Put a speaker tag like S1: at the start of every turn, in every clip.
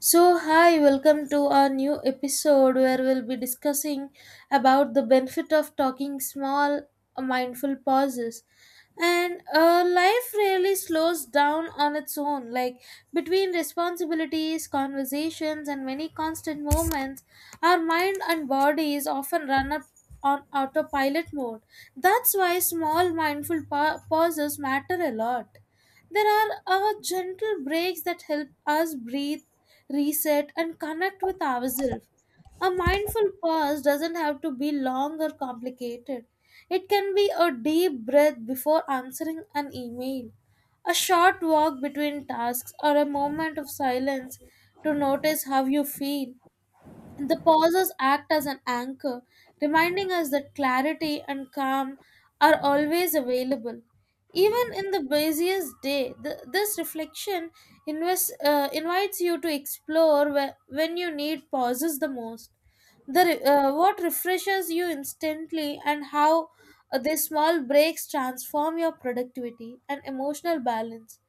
S1: So, hi, welcome to our new episode where we'll be discussing about the benefit of talking small, mindful pauses. And Life really slows down on its own. Like between responsibilities, conversations, and many constant movements, our mind and bodies often run up on autopilot mode. That's why small, mindful pauses matter a lot. There are gentle breaks that help us breathe, reset, and connect with ourselves. A mindful pause doesn't have to be long or complicated. It can be a deep breath before answering an email, a short walk between tasks, or a moment of silence to notice how you feel. The pauses act as an anchor, reminding us that clarity and calm are always available. Even in the busiest day, this reflection invites you to explore where, when you need pauses the most. What refreshes you instantly, and how these small breaks transform your productivity and emotional balance.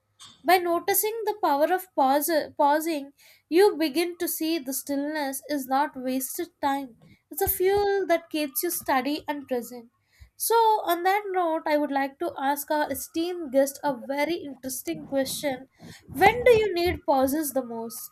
S1: By noticing the power of pausing, you begin to see the stillness is not wasted time. It's a fuel that keeps you steady and present. So, on that note, I would like to ask our esteemed guest a very interesting question. When do you need pauses the most?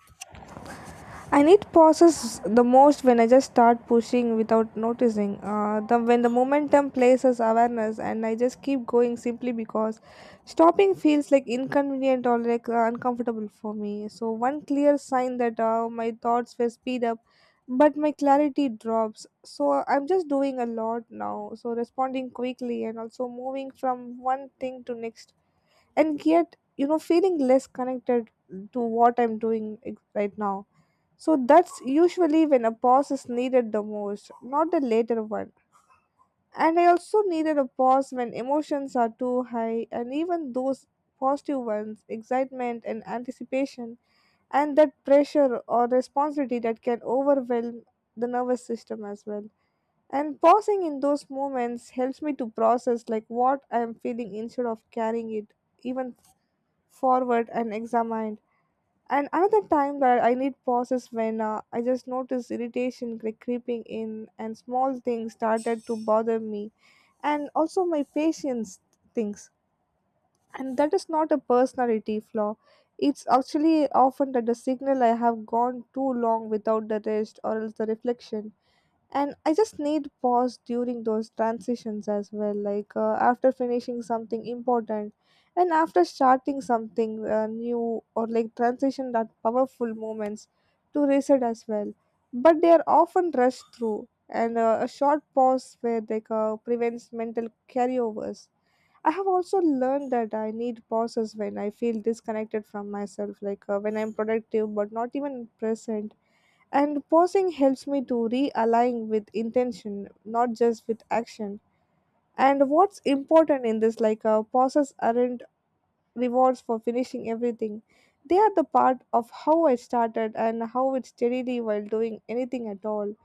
S2: And it pauses the most when I just start pushing without noticing when the momentum places awareness and I just keep going simply because stopping feels like inconvenient or like uncomfortable for me. So one clear sign that my thoughts will speed up, but my clarity drops, so I'm just doing a lot now, so responding quickly and also moving from one thing to next, and yet feeling less connected to what I'm doing right now. So that's usually when a pause is needed the most, not the later one. And I also needed a pause when emotions are too high, and even those positive ones, excitement and anticipation, and that pressure or responsibility that can overwhelm the nervous system as well. And pausing in those moments helps me to process like what I am feeling instead of carrying it even forward and examine. And another time that I need pause is when I just noticed irritation like creeping in, and small things started to bother me, and also my patience things. And that is not a personality flaw. It's actually often that the signal I have gone too long without the rest or else the reflection. And I just need pause during those transitions as well, like after finishing something important, and after starting something new or like transition that powerful moments to reset as well, but they are often rushed through, and a short pause where like prevents mental carryovers. I have also learned that I need pauses when I feel disconnected from myself, like when I'm productive but not even present, and pausing helps me to realign with intention, not just with action. And what's important in this, like pauses aren't rewards for finishing everything. They are the part of how I started and how it steadily while doing anything at all,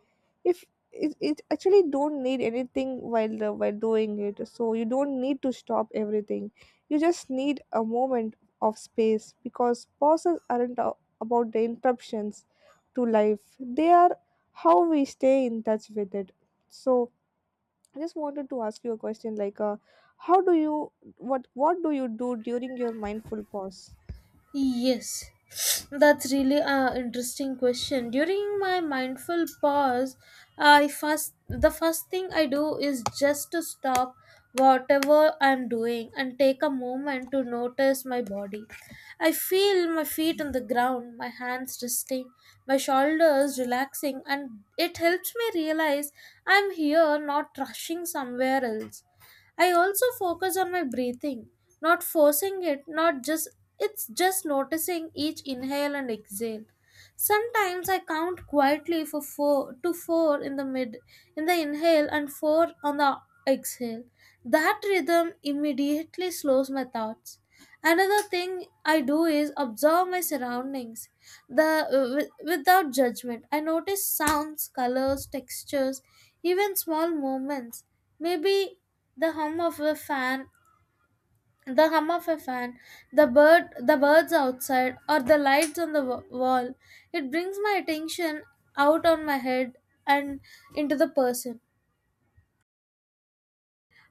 S2: if it actually don't need anything while doing it, so you don't need to stop everything, you just need a moment of space, because pauses aren't a- about the interruptions to life, they are how we stay in touch with it. So I just wanted to ask you a question, like how do you what do you do during your mindful pause?
S1: Yes, that's really an interesting question. During my mindful pause, I first the first thing I do is just to stop whatever I'm doing and take a moment to notice my body. I feel my feet on the ground, my hands resting, my shoulders relaxing, and it helps me realize I'm here, not rushing somewhere else. I also focus on my breathing, not forcing it, not just it's just noticing each inhale and exhale. Sometimes I count quietly for four to four in the mid in the inhale and four on the exhale. That rhythm immediately slows my thoughts. Another thing I do is observe my surroundings. Without judgment, I notice sounds, colors, textures, even small movements. Maybe the hum of a fan, the hum of a fan, the birds outside, or the lights on the wall. It brings my attention out on my head and into the person.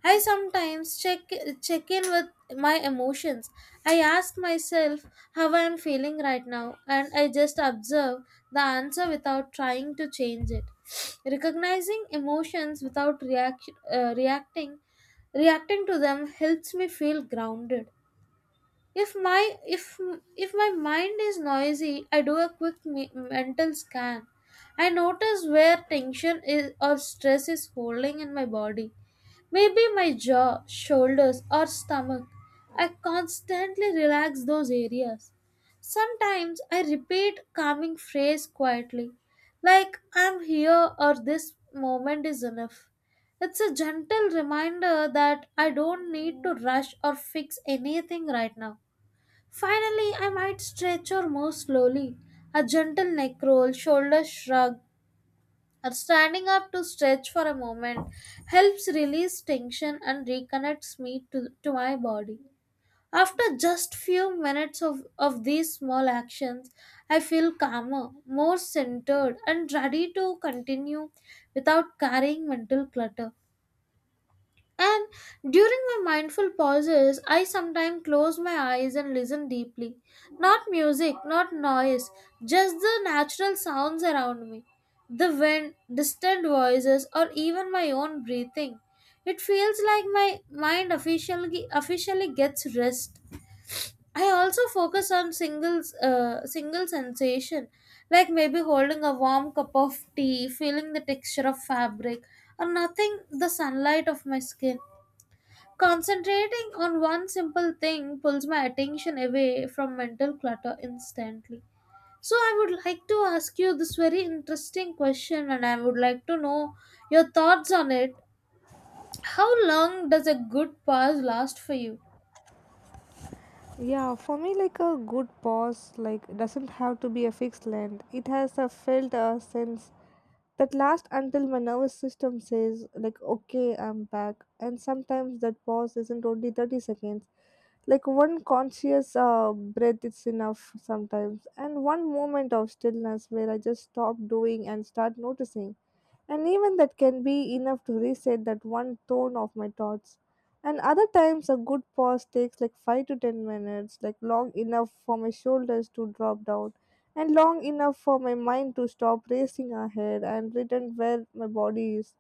S1: I sometimes check in with my emotions. I ask myself how I am feeling right now, and I just observe the answer without trying to change it. Recognizing emotions without reacting to them helps me feel grounded. If my if if my mind is noisy, I do a quick mental scan. I notice where tension is or stress is holding in my body, maybe my jaw, shoulders, or stomach. I constantly relax those areas. Sometimes I repeat calming phrase quietly, like I'm here, or this moment is enough. It's a gentle reminder that I don't need to rush or fix anything right now. Finally, I might stretch or move slowly. A gentle neck roll, shoulder shrug, or standing up to stretch for a moment helps release tension and reconnects me to my body. After just few minutes of these small actions, I feel calmer, more centered, and ready to continue without carrying mental clutter. And during my mindful pauses, I sometimes close my eyes and listen deeply. Not music, not noise, just the natural sounds around me. The wind, distant voices, or even my own breathing. It feels like my mind officially gets rest. I also focus on single sensation, like maybe holding a warm cup of tea, feeling the texture of fabric, or nothing the sunlight of my skin. Concentrating on one simple thing pulls my attention away from mental clutter instantly. So, I would like to ask you this very interesting question, and I would like to know your thoughts on it. How long does a good pause last for you?
S2: Yeah, for me, like a good pause, like doesn't have to be a fixed length. It has a felt a sense that last until my nervous system says, like, okay, I'm back. And sometimes that pause isn't only 30 seconds, like one conscious breath is enough sometimes, and one moment of stillness where I just stop doing and start noticing, and even that can be enough to reset that one tone of my thoughts. And other times, a good pause takes like 5 to 10 minutes, like long enough for my shoulders to drop down, and long enough for my mind to stop racing ahead and return where my body is.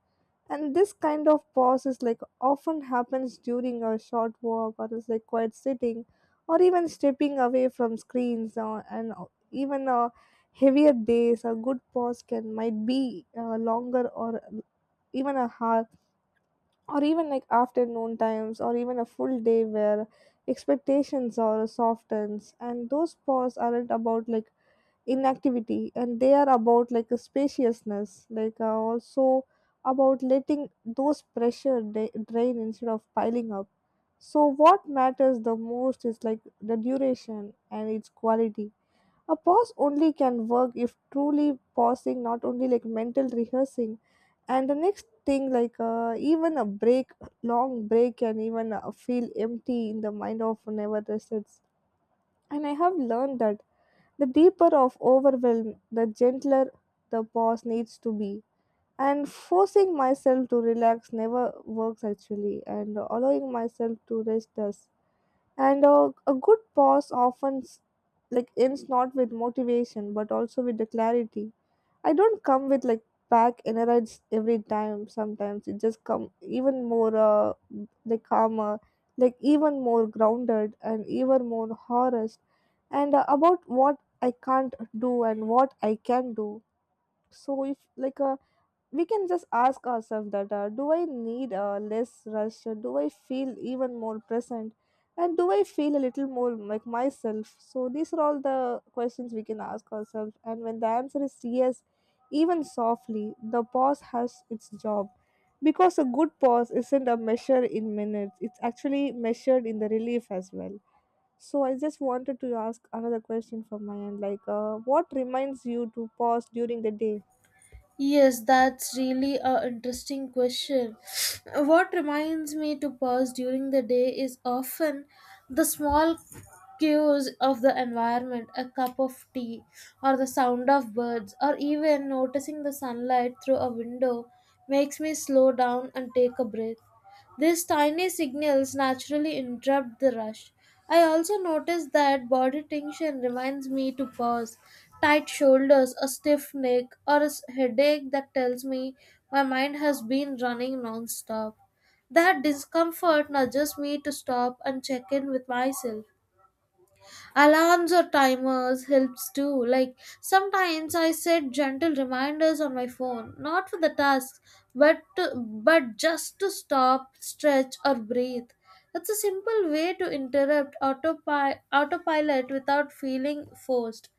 S2: And this kind of pause is like often happens during a short walk or is like quiet sitting or even stepping away from screens, and even heavier days a good pause can might be longer, or even a half, or even like afternoon times, or even a full day where expectations are softens. And those pause aren't about like inactivity, and they are about like a spaciousness, like also about letting those pressure drain instead of piling up. So what matters the most is like the duration and its quality. A pause only can work if truly pausing, not only like mental rehearsing and the next thing, like even a break long break can even feel empty in the mind of never resets. And I have learned that the deeper of overwhelm, the gentler the pause needs to be. And forcing myself to relax never works actually, and allowing myself to rest does. And a good pause often like ends not with motivation but also with the clarity. I don't come with like back energized every time, sometimes it just come even more like calmer, like even more grounded and even more honest, and about what I can't do and what I can do. So if like a, we can just ask ourselves that do I need less rush. Do I feel even more present, and do I feel a little more like myself? So these are all the questions we can ask ourselves, and when the answer is yes, even softly, the pause has its job, because a good pause isn't a measure in minutes, it's actually measured in the relief as well. So I just wanted to ask another question from my end, like what reminds you to pause during the day?
S1: Yes, that's really a interesting question. What reminds me to pause during the day is often the small cues of the environment, a cup of tea, or the sound of birds, or even noticing the sunlight through a window makes me slow down and take a breath. These tiny signals naturally interrupt the rush. I also notice that body tension reminds me to pause. Tight shoulders, a stiff neck, or a headache that tells me my mind has been running non-stop. That discomfort nudges me to stop and check in with myself. Alarms or timers helps too. Like sometimes I set gentle reminders on my phone, not for the task, but just to stop, stretch or breathe. That's a simple way to interrupt autopilot without feeling forced.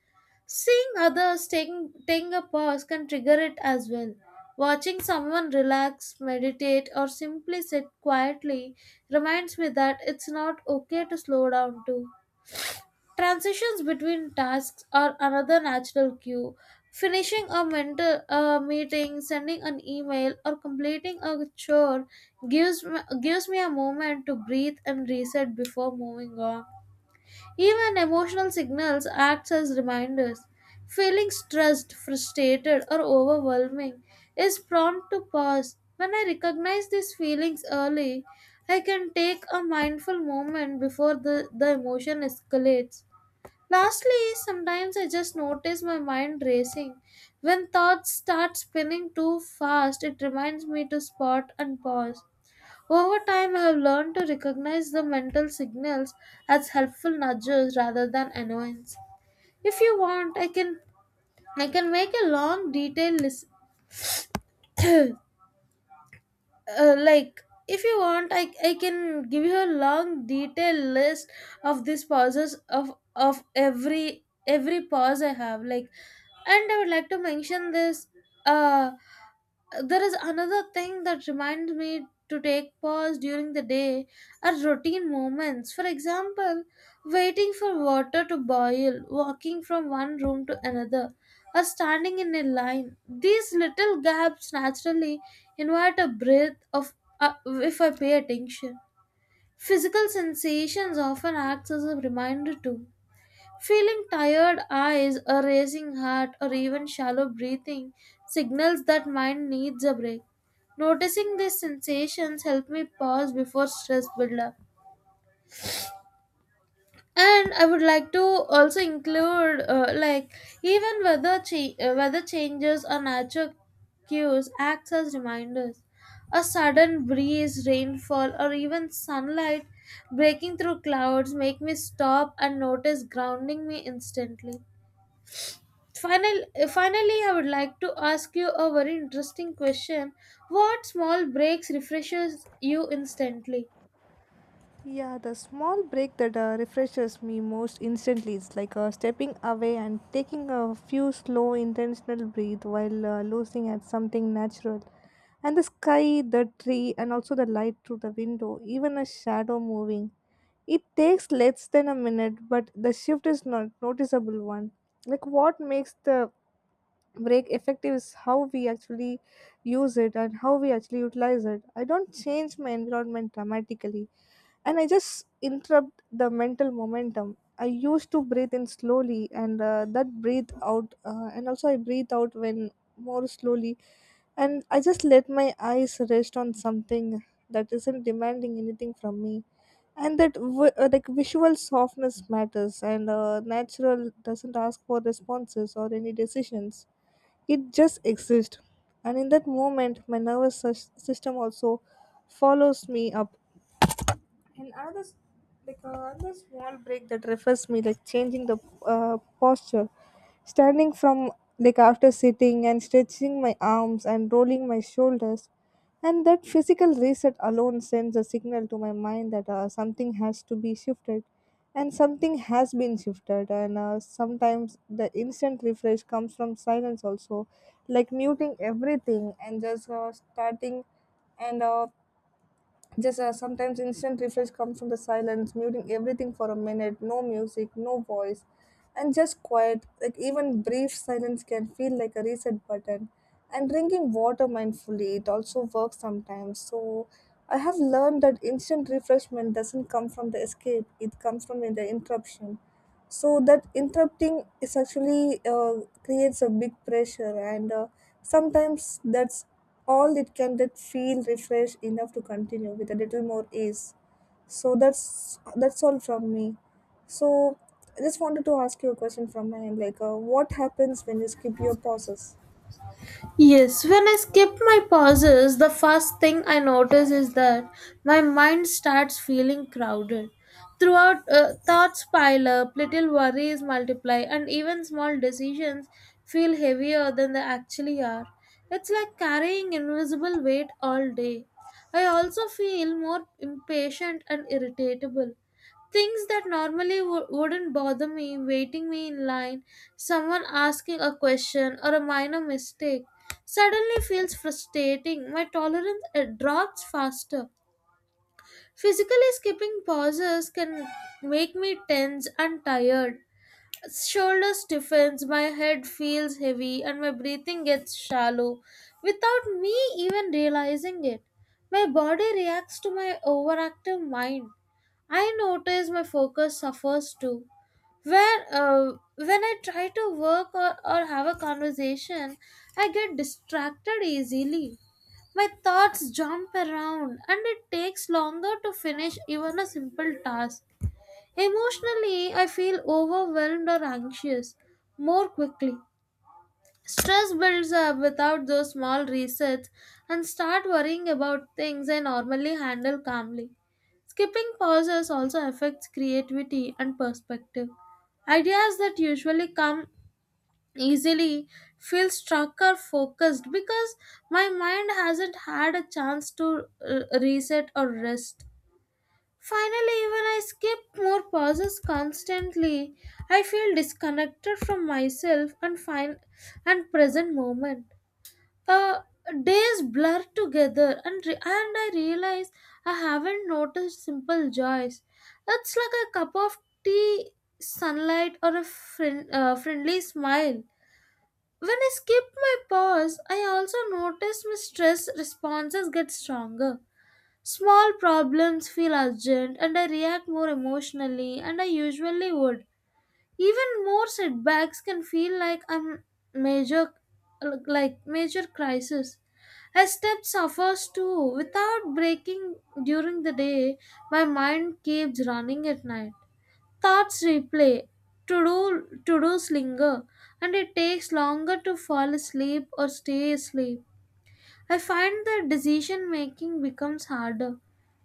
S1: Seeing others taking a pause can trigger it as well. Watching someone relax, meditate, or simply sit quietly reminds me that it's not okay to slow down too. Transitions between tasks are another natural cue. Finishing a mental meeting, sending an email, or completing a chore gives me a moment to breathe and reset before moving on. Even emotional signals act as reminders. Feeling stressed, frustrated, or overwhelming is prompt to pause. When I recognize these feelings early, I can take a mindful moment before the emotion escalates. Lastly, sometimes I just notice my mind racing. When thoughts start spinning too fast, it reminds me to spot and pause. Over time, I have learned to recognize the mental signals as helpful nudges rather than annoyance. If you want, I can make a long detailed list like if you want I can give you a long detailed list of this pauses of every pause I have like, and I would like to mention this. uh there is another thing that reminds me to take pause during the day are routine moments. For example, waiting for water to boil, walking from one room to another, or standing in a line. These little gaps naturally invite a breath of if I pay attention. Physical sensations often acts as a reminder too. Feeling tired eyes, a racing heart, or even shallow breathing signals that mind needs a break. Noticing these sensations help me pause before stress build up. And I would like to also include like even weather changes or natural cues acts as reminders. A sudden breeze, rainfall, or even sunlight breaking through clouds make me stop and notice, grounding me instantly. Finally, I would like to ask you a very interesting question. What small breaks refreshes you instantly?
S2: Yeah, the small break that refreshes me most instantly is like stepping away and taking a few slow, intentional breath while looking at something natural. And the sky, the tree, and also the light through the window, even a shadow moving. It takes less than a minute, but the shift is not noticeable one. Like what makes the break effective is how we actually use it and how we actually utilize it. I don't change my environment dramatically, and I just interrupt the mental momentum. I used to breathe in slowly, and that breathe out, and also I breathe out when more slowly, and I just let my eyes rest on something that isn't demanding anything from me. And like visual softness matters, and natural doesn't ask for responses or any decisions. It just exists, and in that moment, my system also follows me up. And another s- like another small break that refers me like changing the posture, standing from like after sitting, and stretching my arms and rolling my shoulders. And that physical reset alone sends a signal to my mind that something has to be shifted and something has been shifted. And sometimes the instant refresh comes from silence also, like muting everything and just starting, and just sometimes instant refresh comes from the silence, muting everything for a minute, no music, no voice, and just quiet. Like even brief silence can feel like a reset button. And drinking water mindfully, it also works sometimes. So I have learned that instant refreshment doesn't come from the escape; it comes from the interruption. So that interrupting is actually creates a big pressure, and sometimes that's all it can that feel refreshed enough to continue with a little more ease. So that's all from me, so I just wanted to ask you a question from my end, like what happens when you skip your pauses?
S1: Yes, when I skip my pauses, the first thing I notice is that my mind starts feeling crowded. Thoughts pile up, little worries multiply, and even small decisions feel heavier than they actually are. It's like carrying invisible weight all day. I also feel more impatient and irritable. Things that normally wouldn't bother me, waiting me in line, someone asking a question, or a minor mistake, suddenly feels frustrating. My tolerance drops faster. Physically, skipping pauses can make me tense and tired. Shoulder stiffens, my head feels heavy, and my breathing gets shallow without me even realizing it. My body reacts to my overactive mind. I notice my focus suffers too. When I try to work or have a conversation, I get distracted easily. My thoughts jump around and it takes longer to finish even a simple task. Emotionally, I feel overwhelmed or anxious more quickly. Stress builds up without those small resets, and start worrying about things I normally handle calmly. Skipping pauses also affects creativity and perspective. Ideas that usually come easily feel stuck or focused because my mind hasn't had a chance to reset or rest. Finally, when I skip more pauses constantly, I feel disconnected from myself and find and present moment. Uh, Days blur together, and I realize I haven't noticed simple joys. It's like a cup of tea, sunlight, or a friendly smile. When I skip my pause, I also notice my stress responses get stronger. Small problems feel urgent and I react more emotionally and I usually would. Even more setbacks can feel like I'm major like major crisis. I step suffers too without breaking during the day. My mind keeps running at night. Thoughts replay, to do linger, and it takes longer to fall asleep or stay asleep. I find that decision making becomes harder.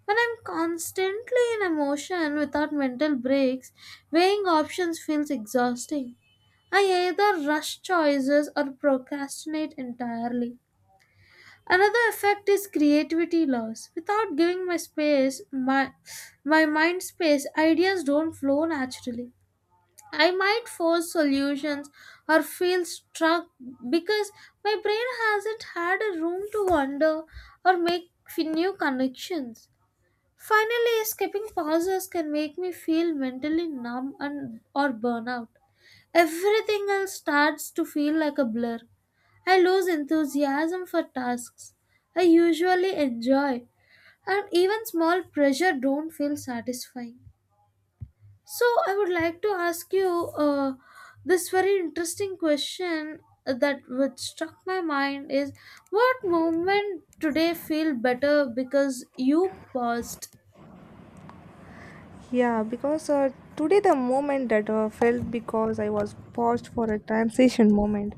S1: When I'm constantly in emotion without mental breaks, weighing options feels exhausting. I either rush choices or procrastinate entirely. Another effect is creativity loss. Without giving my my mind space, ideas don't flow naturally. I might force solutions or feel struck because my brain hasn't had a room to wander or make new connections. Finally, skipping pauses can make me feel mentally numb and or burnout. Everything else starts to feel like a blur. I lose enthusiasm for tasks I usually enjoy, and even small pressure don't feel satisfying. So I would like to ask you this very interesting question that which struck my mind is, what movement today feel better because you paused?
S2: Yeah, because today the moment that felt because I was paused for a transition moment,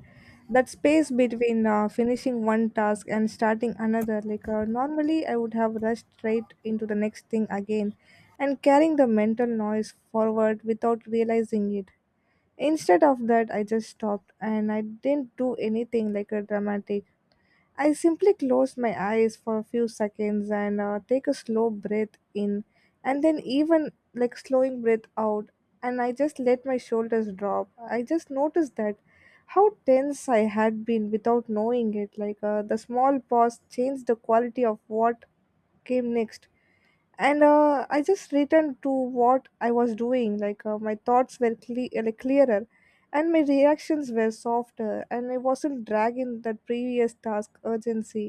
S2: that space between finishing one task and starting another, like normally I would have rushed straight into the next thing again and carrying the mental noise forward without realizing it. Instead of that, I just stopped and I didn't do anything like a dramatic. I simply close my eyes for a few seconds and take a slow breath in, and then even like slowing breath out, and I just let my shoulders drop. I just noticed that how tense I had been without knowing it. Like the small pause changed the quality of what came next, and I just returned to what I was doing, like my thoughts were like clearer, and my reactions were softer, and I wasn't dragging that previous task urgency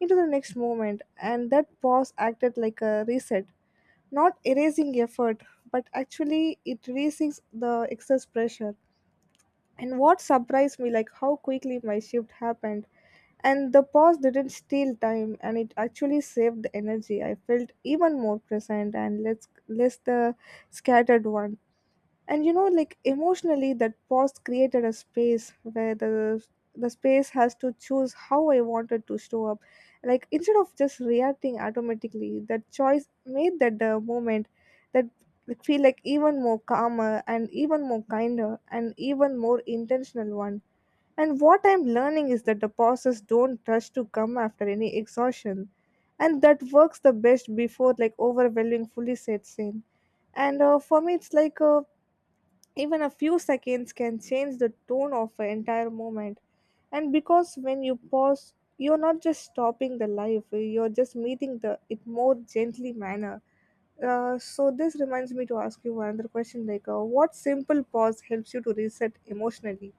S2: into the next moment, and that pause acted like a reset, not erasing effort, but actually it releases the excess pressure. And what surprised me like how quickly my shift happened, and the pause didn't steal time and it actually saved the energy. I felt even more present and less the scattered one. And you know, like emotionally, that pause created a space where the space has to choose how I wanted to show up. Like instead of just reacting automatically, that choice made that moment that feel like even more calmer, and even more kinder, and even more intentional one. And what I'm learning is that the bosses don't rush to come after any exhaustion, and that works the best before like overwhelming fully sets in. And for me, it's like even a few seconds can change the tone of an entire moment. And because when you pause, you're not just stopping the life; you're just meeting the it more gently manner. So this reminds me to ask you another question: like, what simple pause helps you to reset emotionally?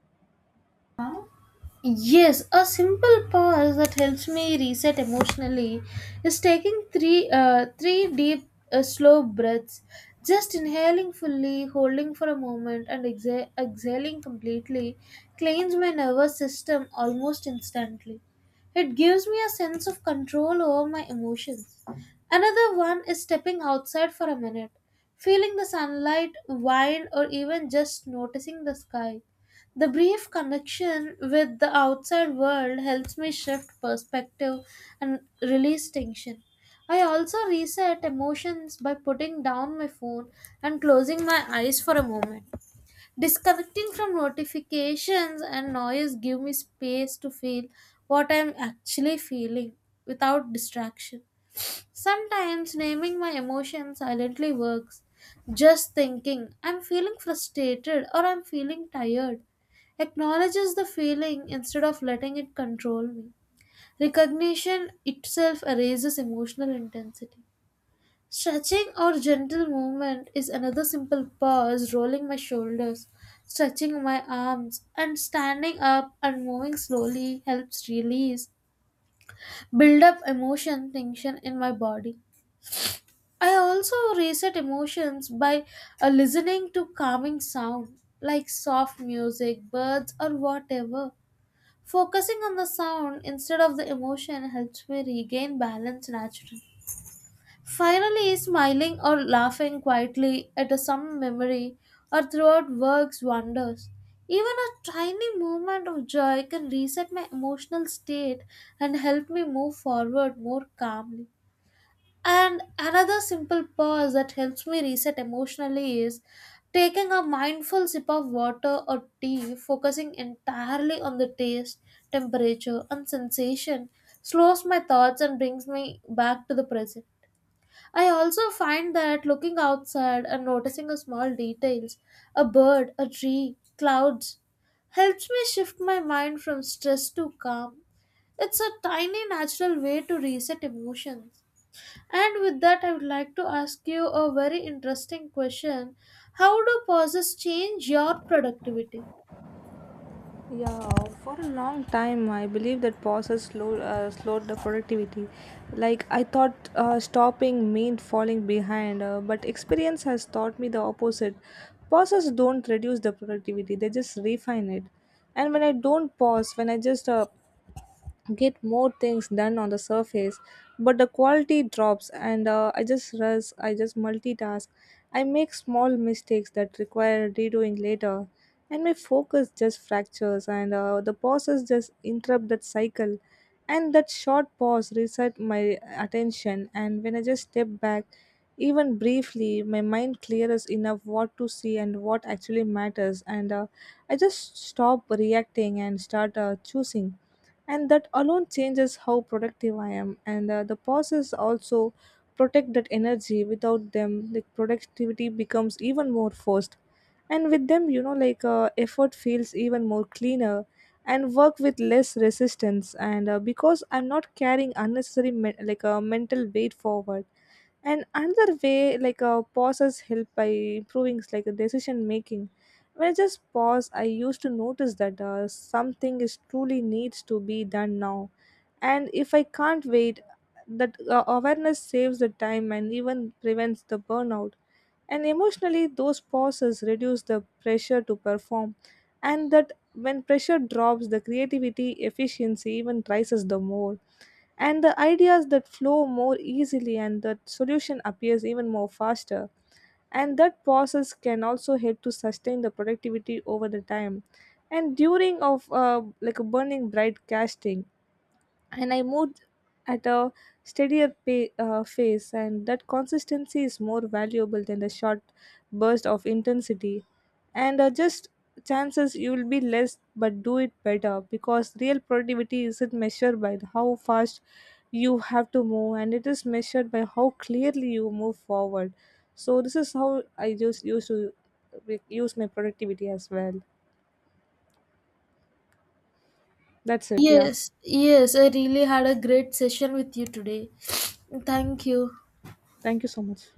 S1: Yes, a simple pause that helps me reset emotionally is taking three deep slow breaths, just inhaling fully, holding for a moment and exhaling completely cleans my nervous system almost instantly. It gives me a sense of control over my emotions. Another one is stepping outside for a minute, feeling the sunlight, wind or even just noticing the sky. The brief connection with the outside world helps me shift perspective and release tension. I also reset emotions by putting down my phone and closing my eyes for a moment. Disconnecting from notifications and noise give me space to feel what I'm actually feeling without distraction. Sometimes naming my emotions silently works. Just thinking, I'm feeling frustrated or I'm feeling tired, acknowledges the feeling instead of letting it control me. Recognition itself erases emotional intensity. Stretching or gentle movement is another simple pause, rolling my shoulders, stretching my arms, and standing up and moving slowly helps release build up emotion tension in my body. I also reset emotions by listening to calming sound like soft music, birds, or whatever. Focusing on the sound instead of the emotion helps me regain balance naturally. Finally, smiling or laughing quietly at a some memory or throughout works wonders. Even a tiny moment of joy can reset my emotional state and help me move forward more calmly. And another simple pause that helps me reset emotionally is taking a mindful sip of water or tea, focusing entirely on the taste, temperature, and sensation, slows my thoughts and brings me back to the present. I also find that looking outside and noticing the small details, a bird, a tree, clouds, helps me shift my mind from stress to calm. It's a tiny natural way to reset emotions. And with that, I would like to ask you a very interesting question. How do pauses change your productivity?
S2: Yeah, for a long time, I believe that pauses slowed the productivity. Like, I thought stopping meant falling behind, but experience has taught me the opposite. Pauses don't reduce the productivity, they just refine it. And when I don't pause, when I just get more things done on the surface, but the quality drops, and I just rush, I just multitask, I make small mistakes that require redoing later, and my focus just fractures, and the pauses just interrupt that cycle. And that short pause reset my attention, and when I just step back, even briefly, my mind clears enough what to see and what actually matters, and I just stop reacting and start choosing, and that alone changes how productive I am. And the pauses also protect that energy. Without them the productivity becomes even more forced, and with them, like effort feels even more cleaner, and work with less resistance, and because I'm not carrying unnecessary like a mental weight forward. And another way, like pauses help by improving like the decision making. When I just pause, I used to notice that something is truly needs to be done now and if I can't wait, that awareness saves the time and even prevents the burnout. And emotionally, those pauses reduce the pressure to perform, and that when pressure drops, the creativity efficiency even rises the more, and the ideas that flow more easily, and the solution appears even more faster, and that process can also help to sustain the productivity over the time. And during of like a burning bright casting, and I moved at a steadier pace, and that consistency is more valuable than the short burst of intensity. And just chances you will be less, but do it better, because real productivity isn't measured by how fast you have to move, and it is measured by how clearly you move forward. So this is how I just used to use my productivity as well. That's it. Yeah.
S1: Yes, yes, I really had a great session with you today. Thank you.
S2: Thank you so much.